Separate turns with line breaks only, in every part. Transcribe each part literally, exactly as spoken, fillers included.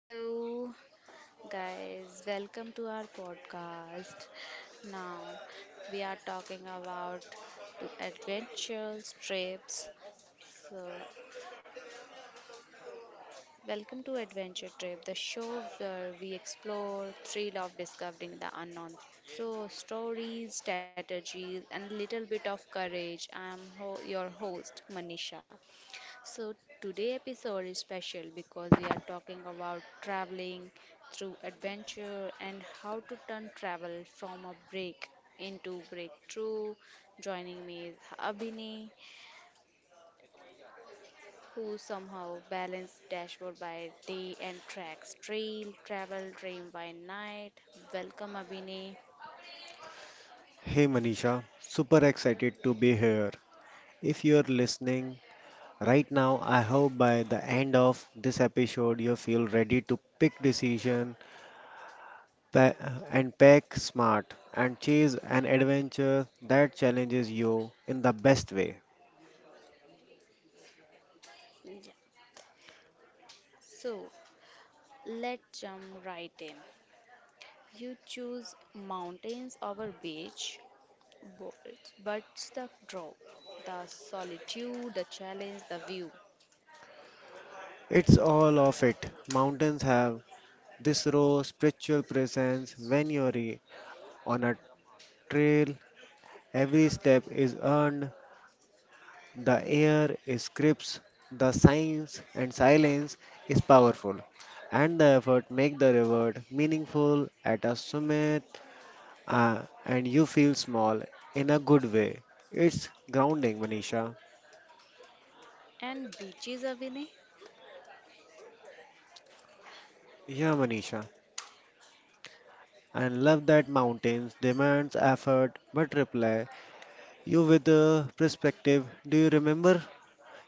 Hello, guys, welcome to our podcast. Now, we are talking about to adventures, trips. So, welcome to Adventure Trip, the show where we explore thrill of discovering the unknown through stories, strategies, and little bit of courage. I am ho- your host, Manisha. So today episode is special because we are talking about traveling through adventure and how to turn travel from a break into breakthrough. Joining me is Abhinay, who somehow balanced dashboard by day and tracks trail travel dream by night. Welcome Abhinay.
Richa. Super excited to be here. If you're listening right now, I hope by the end of this episode you feel ready to pick decision pa- and pack smart and chase an adventure that challenges you in the best way.
Yeah. So let's jump right in. You choose mountains over beach, but but the draw, the solitude, the challenge, the view.
It's all of it. Mountains have this raw spiritual presence when you're on a trail. Every step is earned. The air is crisp, the science and silence is powerful, and the effort make the reward meaningful at a summit, uh, and you feel small in a good way. It's grounding, Manisha.
And beaches, Abhinay?
Yeah, Manisha. I love that mountains demands effort but reply you with a perspective. Do you remember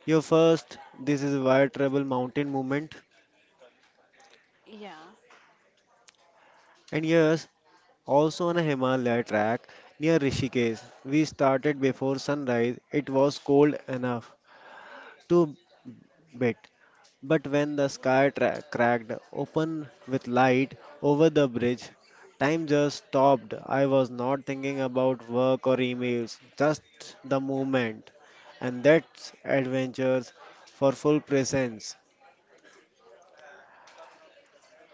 your first This is Wire Trouble Mountain movement?
Yeah,
And yes, also on a Himalaya track near Rishikesh. We started before sunrise. It was cold enough to bit, but when the sky tra- cracked open with light over the bridge, time just stopped. I was not thinking about work or emails, just the moment. And that's adventures for full presence.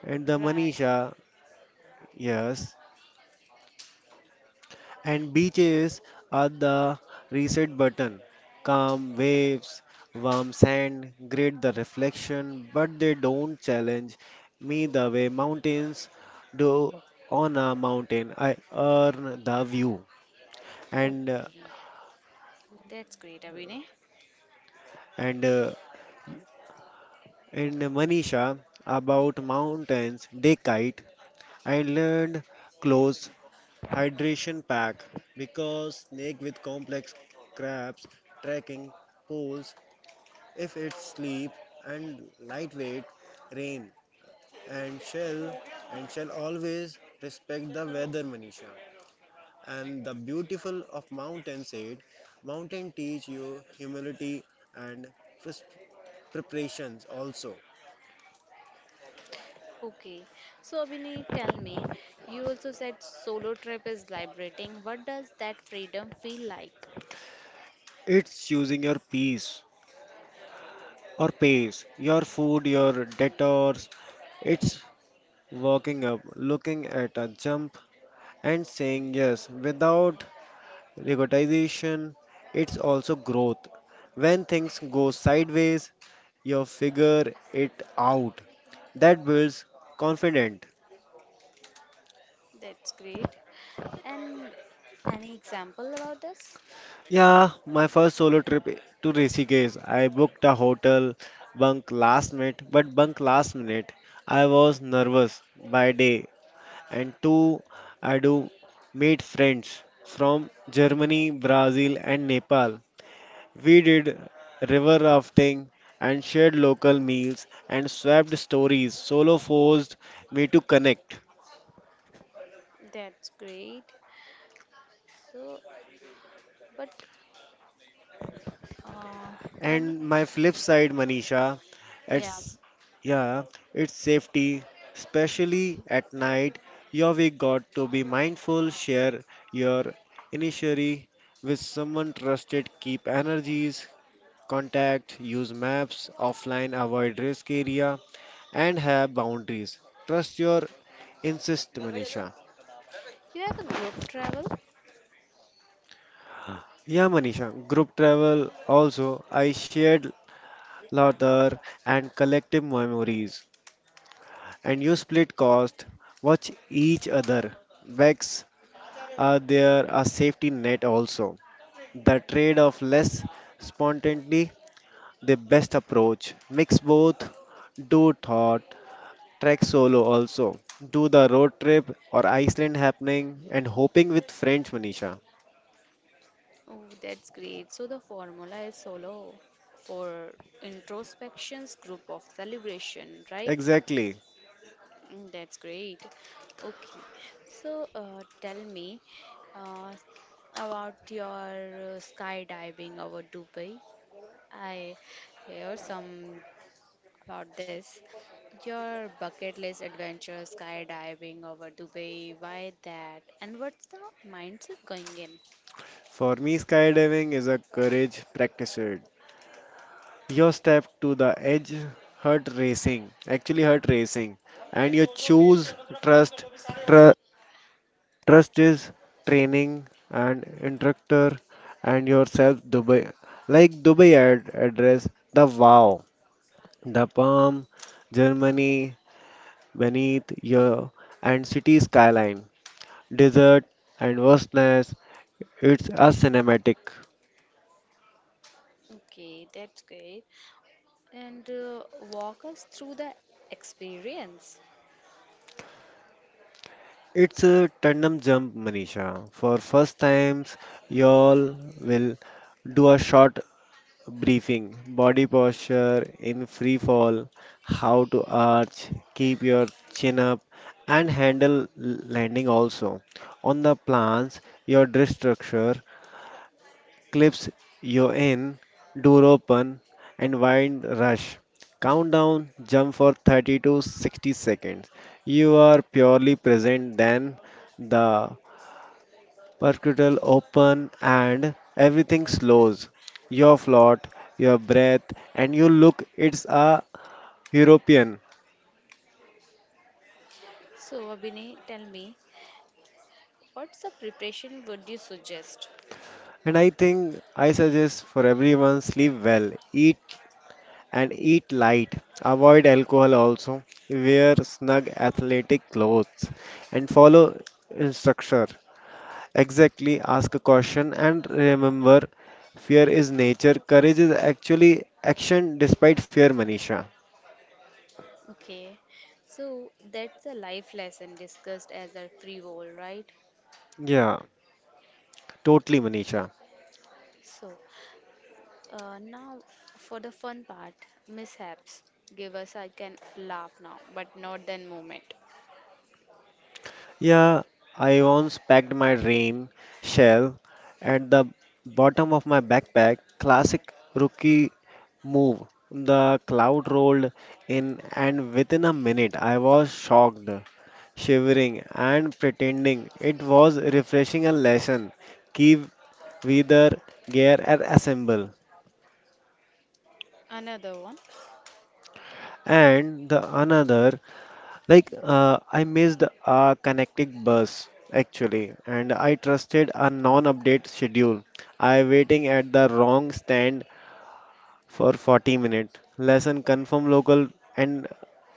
And the
right.
Manisha, yes, and beaches are the reset button. Calm waves, warm sand, great the reflection, but they don't challenge me the way mountains do on a mountain. I earn the view. And uh,
Okay, that's great, Abhinay.
and uh, and Manisha about mountains day kite. I learned close hydration pack because snake with complex crabs, trekking poles. If it's sleep and lightweight rain and shall and shall always respect the weather Manisha. And the beautiful of mountain said, mountain teach you humility and pres- preparations also.
Okay, so Abhinay, tell me, you also said solo trip is liberating. What does that freedom feel like?
It's choosing your peace or pace, your food, your detours. It's walking up, looking at a jump, and saying yes without recognition, it's also growth. When things go sideways, you figure it out. That builds confidence.
That's great. And any example about this?
Yeah, my first solo trip to Rishikesh. I booked a hotel bunk last minute, but bunk last minute. I was nervous by day, and two, I do meet friends from Germany, Brazil, and Nepal. We did river rafting and shared local meals and swapped stories. Solo forced me to connect.
That's great. So, but Uh, and
And my flip side, Manisha,
yeah,
it's yeah, it's safety, especially at night. You we got to be mindful, share your initiatory with someone trusted, keep energies, contact, use maps, offline, avoid risk area, and have boundaries. Trust your insist, Manisha.
you have a group travel?
Yeah, Manisha, group travel also, I shared laughter and collective memories. And you split cost, watch each other. Vex, are there a safety net also? The trade of less spontaneity, the best approach. Mix both, do thought, trek solo also. Do the road trip or Iceland happening and hoping with friends, Manisha.
Oh, that's great. So the formula is solo for introspections, group of celebration, right?
Exactly.
Mm, That's great. Okay. So uh, tell me uh, about your uh, skydiving over Dubai. I hear some about this. Your bucket list adventure, skydiving over Dubai, why that? And what's the mindset going in?
For me, skydiving is a courage practiced. Your step to the edge, heart racing, actually heart racing, and you choose trust. Tr- trust is training and instructor and yourself. Dubai, like Dubai ad- address the wow, the palm, Germany beneath your and city skyline, desert and vastness. It's a cinematic.
Okay, that's great. And uh, walk us through the experience.
It's a tandem jump, Manisha. For first times, y'all will do a short briefing, body posture in free fall, how to arch, keep your chin up, and handle landing also. On the plans, your dress structure, clips you in, door open, and wind rush. Countdown, jump for thirty to sixty seconds. You are purely present then the percutile open, and everything slows. Your float, your breath, and your look. It's a European.
So, Abhinay, tell me, what's the preparation would you suggest?
And I think I suggest for everyone sleep well, eat and eat light. Avoid alcohol also. Wear snug athletic clothes and follow instruction. Exactly, ask a question and remember fear is nature. Courage is actually action despite fear, Manisha.
Okay, so that's a life lesson discussed as a free roll, right?
Yeah. Totally, Manisha.
So, Uh, now, for the fun part, mishaps give us I can laugh now, but not then moment.
Yeah, I once packed my rain shell at the bottom of my backpack. Classic rookie move. The cloud rolled in, and within a minute, I was shocked, shivering, and pretending it was refreshing a lesson. Keep wither gear and assemble.
Another one?
And the another. Like, uh, I missed a connecting bus actually, and I trusted a non-update schedule. I waiting at the wrong stand for forty minutes. Lesson confirm local. And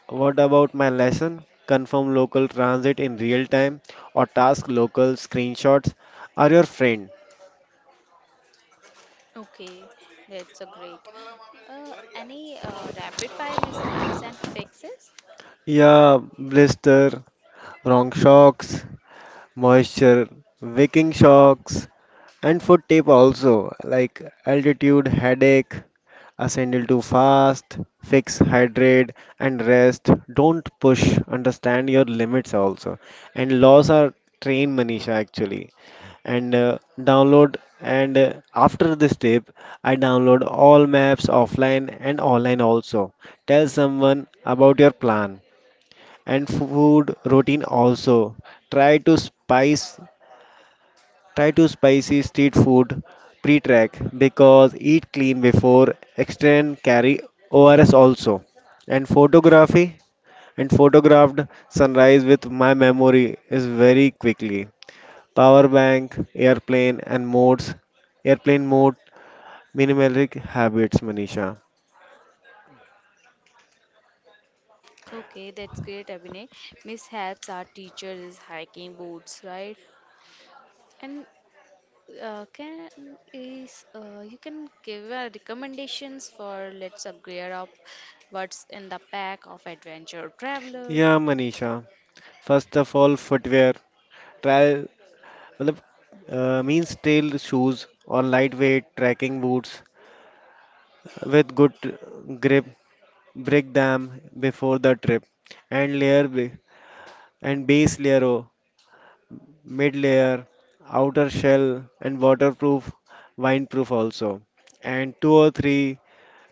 what about my lesson? Confirm local transit in real time or task local screenshots are your friend.
Okay, that's a great. Uh, any uh, rapid fire mishaps and fixes?
Yeah, blister, wrong shocks, moisture, waking shocks, and foot tape also, like altitude headache. A sandal to fast, fix, hydrate, and rest. Don't push. Understand your limits also. And laws are train Manisha actually. And uh, download. And uh, After this tip, I download all maps offline and online also. Tell someone about your plan and food routine also. Try to spice Try to spicy street food pre-track because eat clean before extend carry O R S also. And photography and photographed sunrise with my memory is very quickly. Power bank, airplane and modes, airplane mode, minimalistic habits, Manisha.
Okay, that's great, Abhinay. Mishaps are teachers hiking boots, right? And uh, can is uh, you can give uh, recommendations for let's uh, gear up what's in the pack of adventure traveler.
Yeah, Manisha. First of all, footwear. Try मतलब, uh, means tail shoes or lightweight trekking boots with good grip, break them before the trip and layer b- and base layer o mid layer outer shell and waterproof windproof also, and two or 3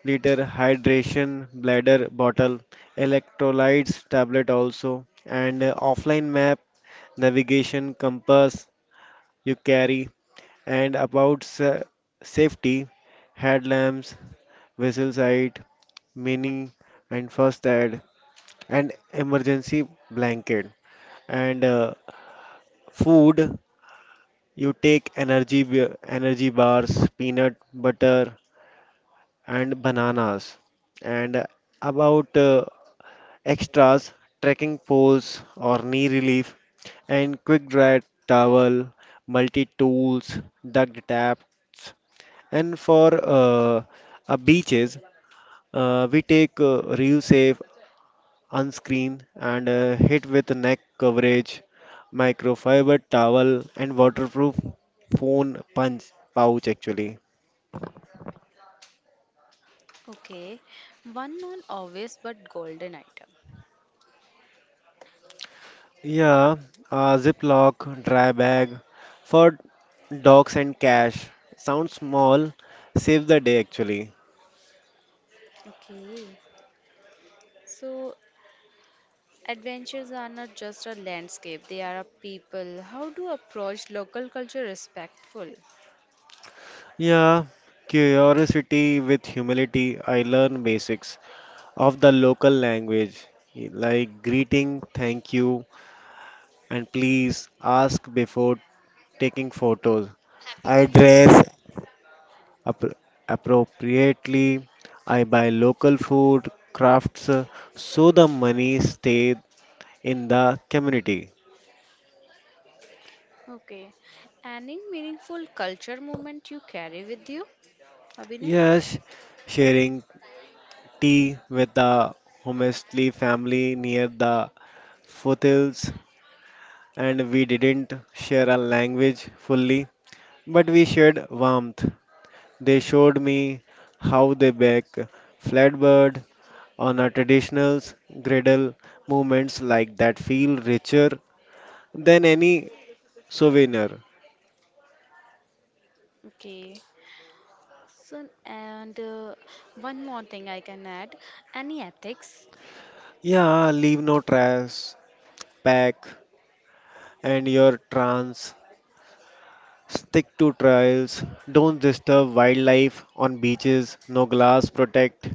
liter hydration bladder bottle, electrolytes tablet also, and uh, offline map, navigation compass you carry, and about sa- safety, headlamps, vessel sight mini, and first aid. And emergency blanket, and uh, food. You take energy b- energy bars, peanut butter, and bananas. And about uh, extras, trekking poles or knee relief, and quick dry towel, multi tools, duct taps, and for uh, uh, beaches, uh, we take uh, real safe, unscreen, and uh, hit with neck coverage, microfiber towel, and waterproof phone punch pouch actually.
Okay, one non-obvious but golden item.
Yeah, a Ziploc dry bag for dogs and cash. Sounds small, saves the day actually.
Okay. So, adventures are not just a landscape, they are a people. How to approach local culture respectful?
Yeah, curiosity with humility. I learn basics of the local language like greeting, thank you, and please ask before taking photos. I dress appro- appropriately. I buy local food, crafts, uh, so the money stays in the community.
Okay. Any meaningful culture moment you carry with you, Abhinay?
Yes, sharing tea with the Homestly family near the foothills, and we didn't share a language fully, but we shared warmth. They showed me how they bake flatbread on a traditional griddle, movements like that feel richer than any souvenir.
Okay. So, and uh, one more thing I can add, any ethics?
Yeah, leave no trash, pack, and your trance. Stick to trails. Don't disturb wildlife on beaches. No glass. Protect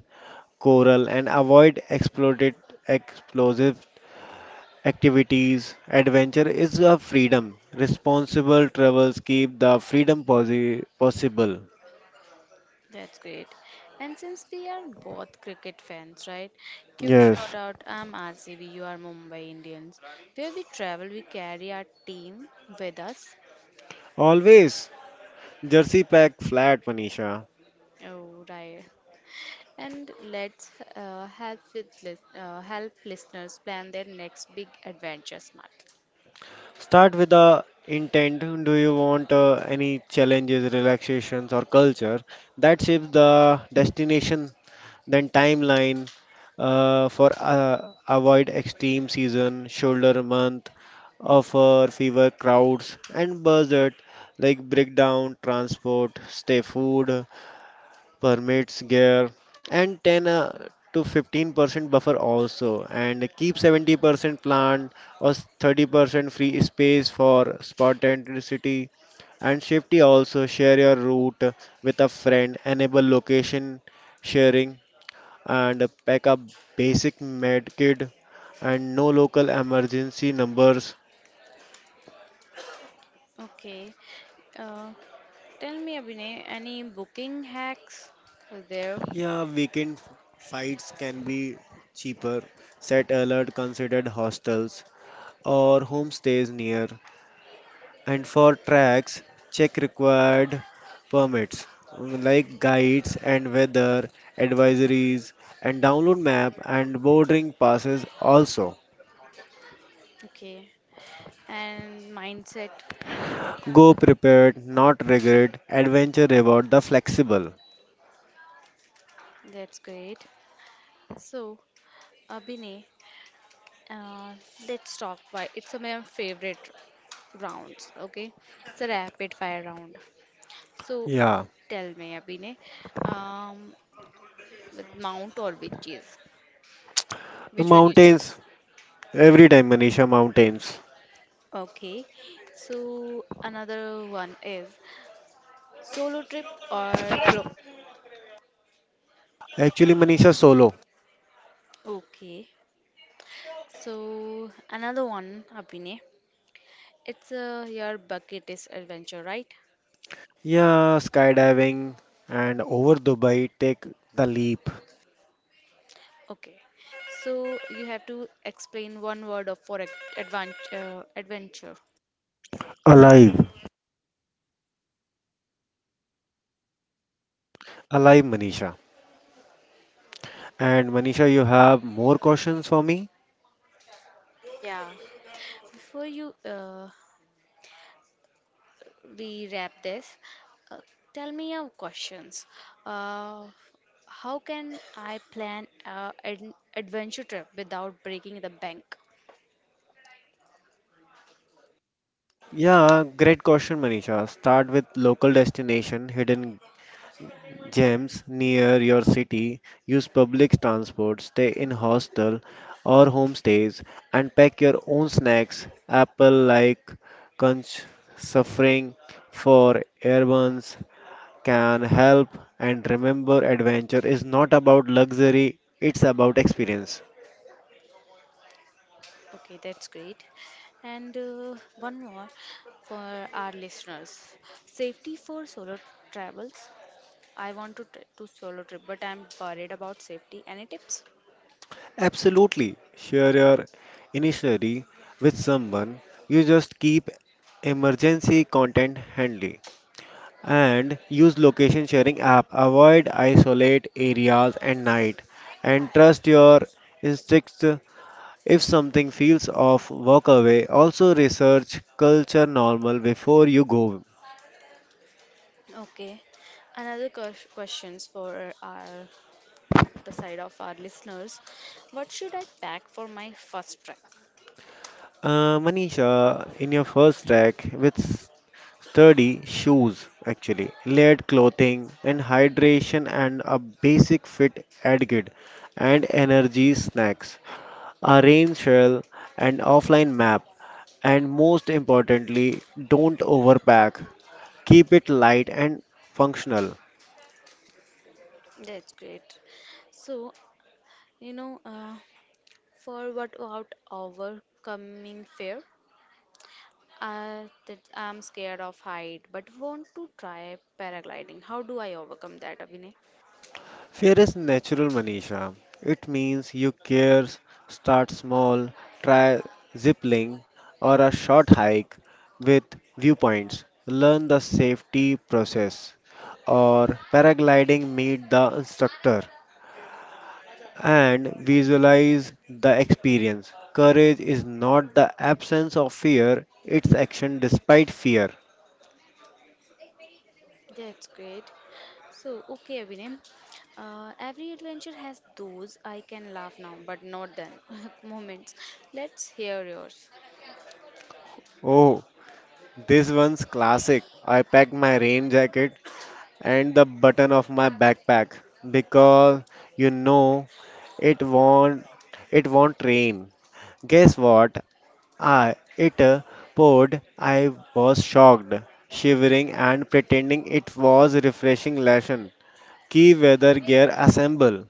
coral and avoid exploded explosive activities. Adventure is a freedom. Responsible travels keep the freedom possi- possible.
That's great. And since we are both cricket fans, right? Quick shout
Yes,
out, I'm R C B, you are Mumbai Indians. Where we travel, we carry our team with us.
always. Jersey pack flat, Manisha.
Oh, right. And let's uh, help with lis- uh, help listeners plan their next big adventure smart.
Start with the intent. Do you want uh, any challenges, relaxations, or culture that shapes the destination, then timeline uh, for uh, avoid extreme season, shoulder month, offer fever crowds, and budget like breakdown, transport, stay food, permits gear, and ten uh, to fifteen percent buffer also, and keep seventy percent plant or thirty percent free space for spontaneity and safety also, share your route with a friend, enable location sharing, and pack a basic med kit and no local emergency numbers.
Okay. Uh, Tell me, Abhinay, any booking hacks are there?
Yeah, weekend f- fights can be cheaper, set alert, considered hostels or homestays near, and for tracks check required permits, mm, like guides and weather advisories, and download map and boarding passes also.
Okay. And mindset.
Go prepared not regret adventure reward the flexible.
That's great. So, Abhinay, Uh, let's talk why it's a my favorite rounds. Okay, it's a rapid fire round. So
Yeah,
tell me, Abhinay, um, with mount or witches, which one you
mountains
choose?
every time, Manisha, mountains.
Okay, so another one is solo trip or group.
Actually, Manisha, solo.
Okay, so another one, Abhinay. It's uh, your bucket list adventure, right?
Yeah, skydiving and over Dubai, take the leap.
Okay. So you have to explain one word of for advan uh, adventure.
Alive, alive, Manisha. And Manisha, you have more questions for me?
Yeah. Before you uh, we wrap this, uh, tell me your questions. Uh, how can I plan a an adventure trip without breaking the bank?
Yeah, great question, Manisha. Start with local destination, hidden gems near your city. Use public transport, stay in hostel or homestays, and pack your own snacks. Apple like conch suffering for airbuns can help. And remember, adventure is not about luxury; it's about experience.
Okay, that's great. And uh, one more for our listeners. Safety for solo travels. I want to try to solo trip, but I'm worried about safety. Any tips?
Absolutely. Share your initiary with someone. You just keep emergency content handy and use location sharing app. Avoid isolate areas at night and trust your instincts. If something feels off, walk away. Also research culture normal before you go.
Okay. Another ques- questions for our the side of our listeners. What should I pack for my first trek?
Uh, Manisha, in your first track, which sturdy shoes, actually, layered clothing, and hydration and a basic fit etiquette and energy snacks, a rain shell, and offline map, and most importantly, don't overpack. Keep it light and functional.
That's great. So, you know, uh, for what about our coming fare? Uh, that I'm scared of height, but want to try paragliding. How do I overcome that, Abhinay?
Fear is natural, Manisha. It means you care, start small, try ziplining or a short hike with viewpoints, learn the safety process, or paragliding, meet the instructor, and visualize the experience. Courage is not the absence of fear, it's action despite fear.
That's great. So, okay, Abhinay. Uh, every adventure has those I can laugh now, but not then moments. Let's hear yours.
Oh, this one's classic. I packed my rain jacket and the button of my backpack because you know it won't it won't rain. Guess what? I it uh, poured. I was shocked, shivering, and pretending it was a refreshing lesson. Key weather gear assemble.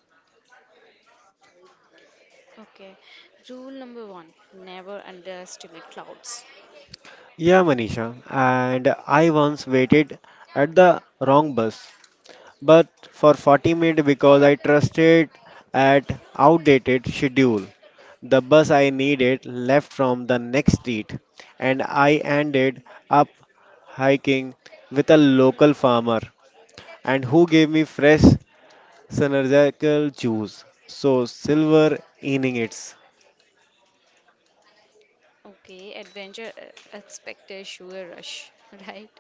Okay. Rule number one, never underestimate clouds.
Yeah, Manisha, and I once waited at the wrong bus, but for forty minutes because I trusted at outdated schedule. The bus I needed left from the next street, and I ended up hiking with a local farmer and who gave me fresh synergical juice. So silver innings.
Okay, adventure uh, expect a sugar rush, right?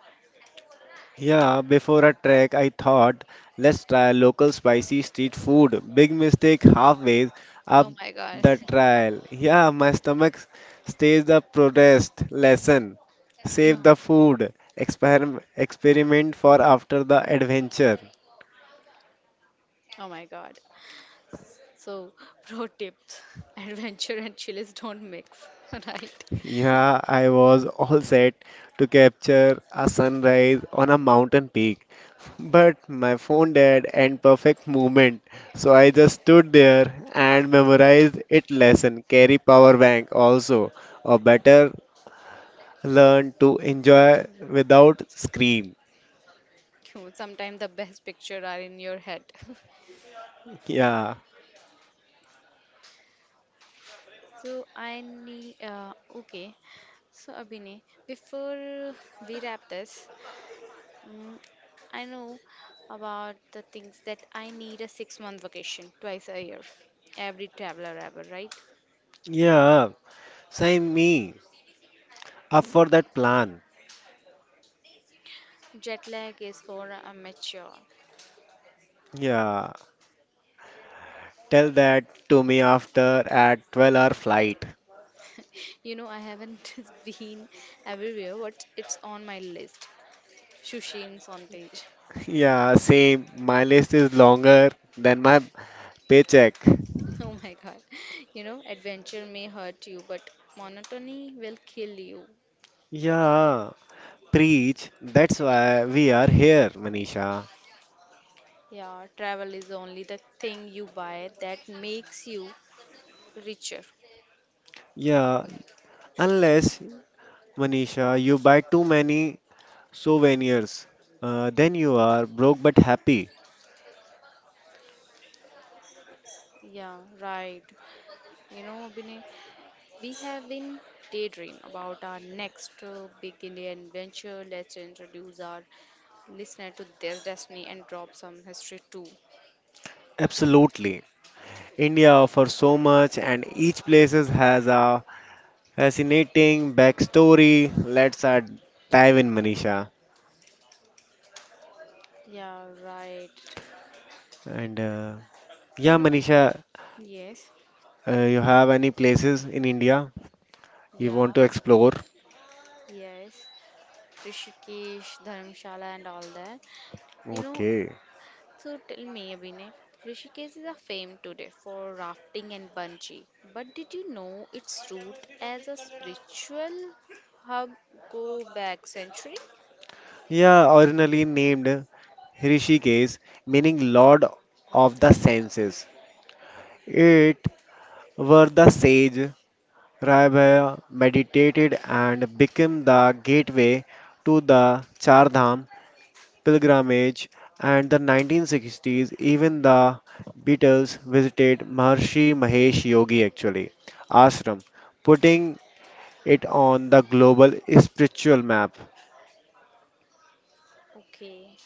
Yeah, before a trek, I thought, let's try local spicy street food. Big mistake halfway up
Oh my God.
the trail. Yeah, my stomach stays the protest lesson. Save
No.
the food. Experiment, experiment for after the adventure.
Oh my God. So, pro tips, adventure and chilies don't mix, right?
Yeah, I was all set to capture a sunrise on a mountain peak, but my phone died and perfect moment. So I just stood there and memorized it lesson. Carry power bank also, or better, learn to enjoy without screen.
Sometimes the best picture are in your head.
Yeah,
So I need uh, okay. So Abhinay, before we wrap this, mm, I know about the things that I need a six month vacation twice a year. Every traveler ever, right?
Yeah, sign me up for that plan.
Jet lag is for a mature.
Yeah. Tell that to me after at twelve hour flight.
You know, I haven't been everywhere, but it's on my list. Sushi in Sonthej.
Yeah, same. My list is longer than my paycheck.
Oh my god. You know, adventure may hurt you, but monotony will kill you.
Yeah, preach. That's why we are here, Manisha.
Yeah, travel is only the thing you buy that makes you richer.
Yeah, unless, Manisha, you buy too many souvenirs, uh, then you are broke but happy.
Yeah, right. You know, Abhinay, we have been daydream about our next uh, big Indian adventure. Let's introduce our listener to their destiny and drop some history too.
Absolutely. India offers so much, and each place has a fascinating backstory. Let's uh, dive in, Manisha.
Yeah, right.
And uh, yeah,
You know,
Manisha,
yes.
uh, you have any places in India? You want
Yeah,
to explore?
yes. Rishikesh, Dharamshala, and all that. You know,
Okay.
so tell me, Abhinay, Rishikesh is a fame today for rafting and bungee. But did you know its root as a spiritual hub go back century?
Yeah, originally named Rishikesh, meaning Lord of the Senses. It were the sage Raibaya meditated and became the gateway to the Chardham pilgrimage. And the nineteen sixties, even the Beatles visited Maharshi Mahesh Yogi actually ashram, putting it on the global spiritual map.
Okay,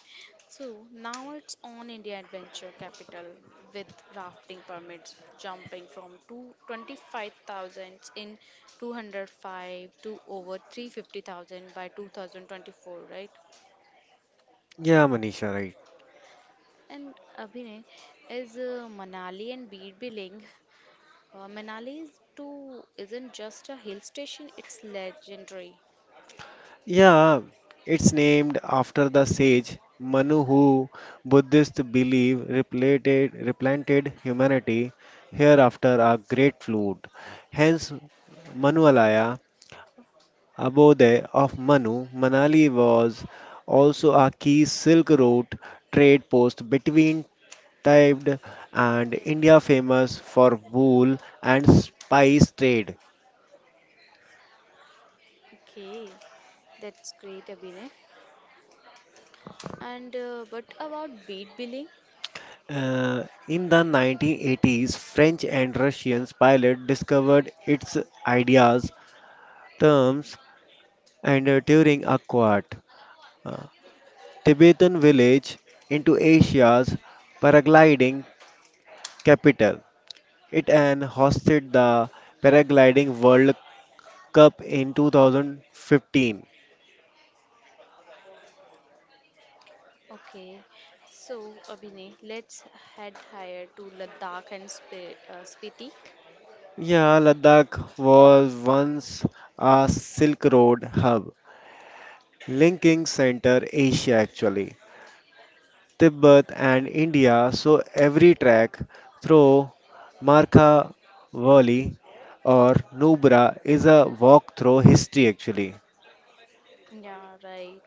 so now it's on India Adventure Capital with rafting permits jumping from two twenty-five thousand in two hundred five to over three hundred fifty thousand by two thousand twenty-four, right?
Yeah, Manisha, right.
And Abhinay is uh, Manali and Birbiling. Uh, Manali is too isn't just a hill station; it's legendary.
Yeah, it's named after the sage Manu, who Buddhists believe replanted, replanted humanity here after a great flood. Hence, Manualaya, abode of Manu, Manali was also a key Silk Road trade post between Tibet and India, famous for wool and spice trade.
Okay, that's great, Abhinay. And uh, but about Birbiling?
Uh, in the nineteen eighties, French and Russian pilots discovered its ideas, terms, and uh, during a quad uh, Tibetan village into Asia's paragliding capital. It and hosted the paragliding World Cup in two thousand fifteen.
Okay, so Abhinay, let's head higher to Ladakh and Sp- uh, Spiti.
Yeah, Ladakh was once a Silk Road hub, linking Center Asia actually. Tibet and India, so every trek through Markha Valley or Nubra is a walk through history actually.
Yeah, right.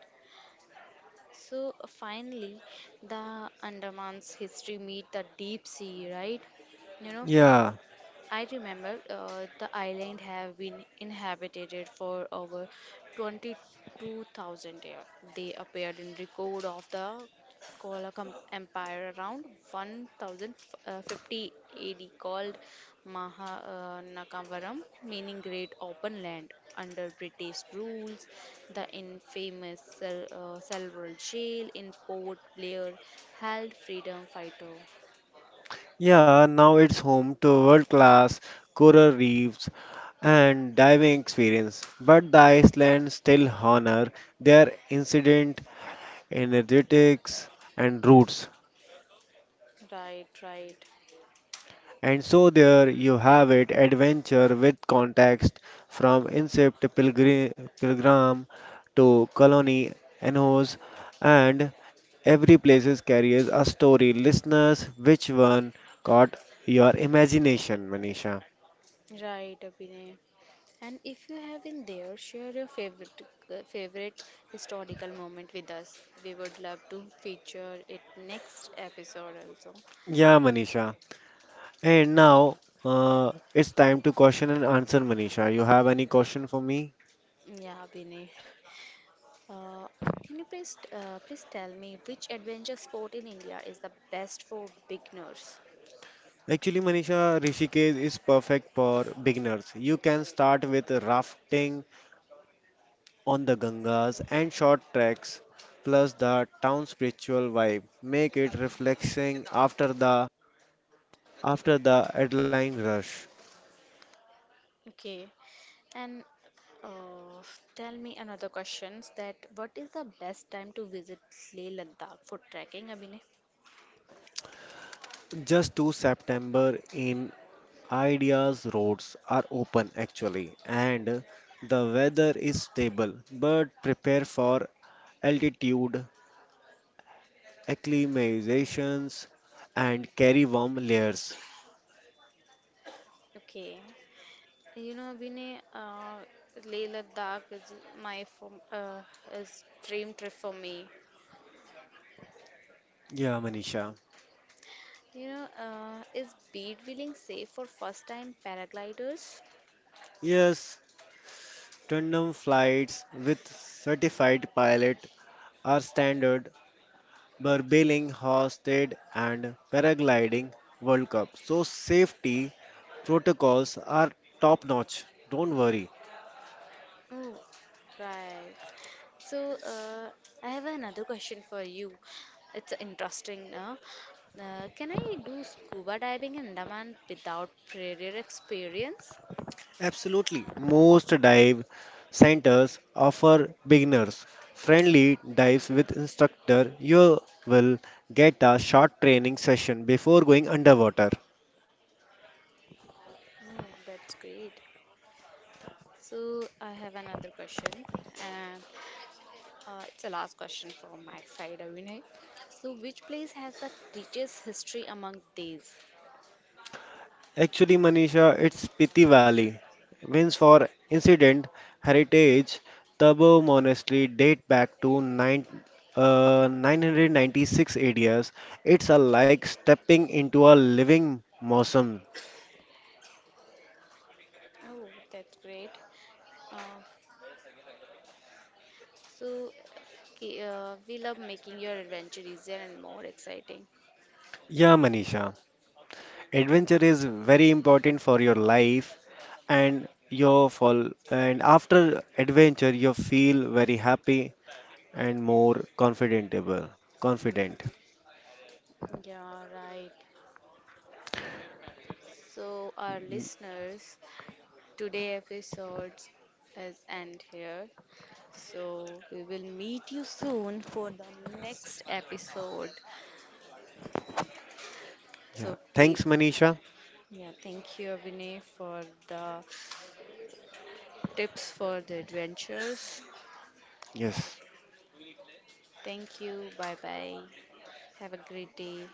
So uh, finally, the Andaman's history meet the deep sea, right? You know,
Yeah,
I remember uh, the island have been inhabited for over twenty-two thousand years. They appeared in record of the Kollam Empire around one thousand fifty A D called Mahanakavaram, meaning great open land. Under British rules, the infamous Sel- uh, Selwell jail in Port Blair held freedom fighter.
yeah, now it's home to world-class coral reefs and diving experience, but the Iceland still honor their ancient energetics and roots.
Right, right.
And so there you have it, adventure with context from incept pilgri- pilgrim to colony enhos and every places carries a story. Listeners, which one caught your imagination, Manisha?
Right, Abhinay. And if you have been there, share your favorite favorite historical moment with us. We would love to feature it next episode also.
Yeah, Manisha. And now uh, it's time to question and answer, Manisha. You have any question for me?
Yeah, Vinay. Uh, can you please uh, please tell me which adventure sport in India is the best for beginners?
Actually, Manisha, Rishikesh is perfect for beginners. You can start with rafting on the Gangas and short treks, plus the town's spiritual vibe, make it refreshing after the after the adrenaline rush.
Okay, and uh, tell me another questions that what is the best time to visit Leh Ladakh for trekking, Abhinay?
Just to September in Ideas roads are open actually, and the weather is stable. But prepare for altitude acclimatizations and carry warm layers.
Okay. You know, Vinay, uh, Leh Ladakh is my form, uh, is dream trip for me.
Yeah, Manisha.
You know, uh, is bead wheeling safe for first time paragliders?
Yes. Tandem flights with certified pilot our standard Burbiling, Hosted, and Paragliding World Cup. So, safety protocols are top notch. Don't worry.
Oh, right. So, uh, I have another question for you. It's interesting, no? Uh, can I do scuba diving in Andaman without prior experience?
Absolutely. Most dive centers offer beginners friendly dives with instructor. You will get a short training session before going underwater.
Oh, that's great. So I have another question, and Uh, it's the last question from my side, Avinay. So, which place has the richest history among these?
Actually, Manisha, it's Piti Valley. Means for incident heritage, Tabo monastery date back to nine, uh, nine ninety-six A Ds. It's a like stepping into a living museum.
Oh, that's great. Uh, so, okay, uh, we love making your adventure easier and more exciting.
Yeah, Manisha. Adventure is very important for your life and your fall and after adventure you feel very happy and more confidentable confident.
Yeah, right. So, our listeners, today episode is end here. So, we will meet you soon for the next episode.
Yeah,
So, keep
thanks Manisha.
yeah, thank you, Abhinay, for the tips for the adventures.
Yes
Thank you. Bye bye. Have a great day.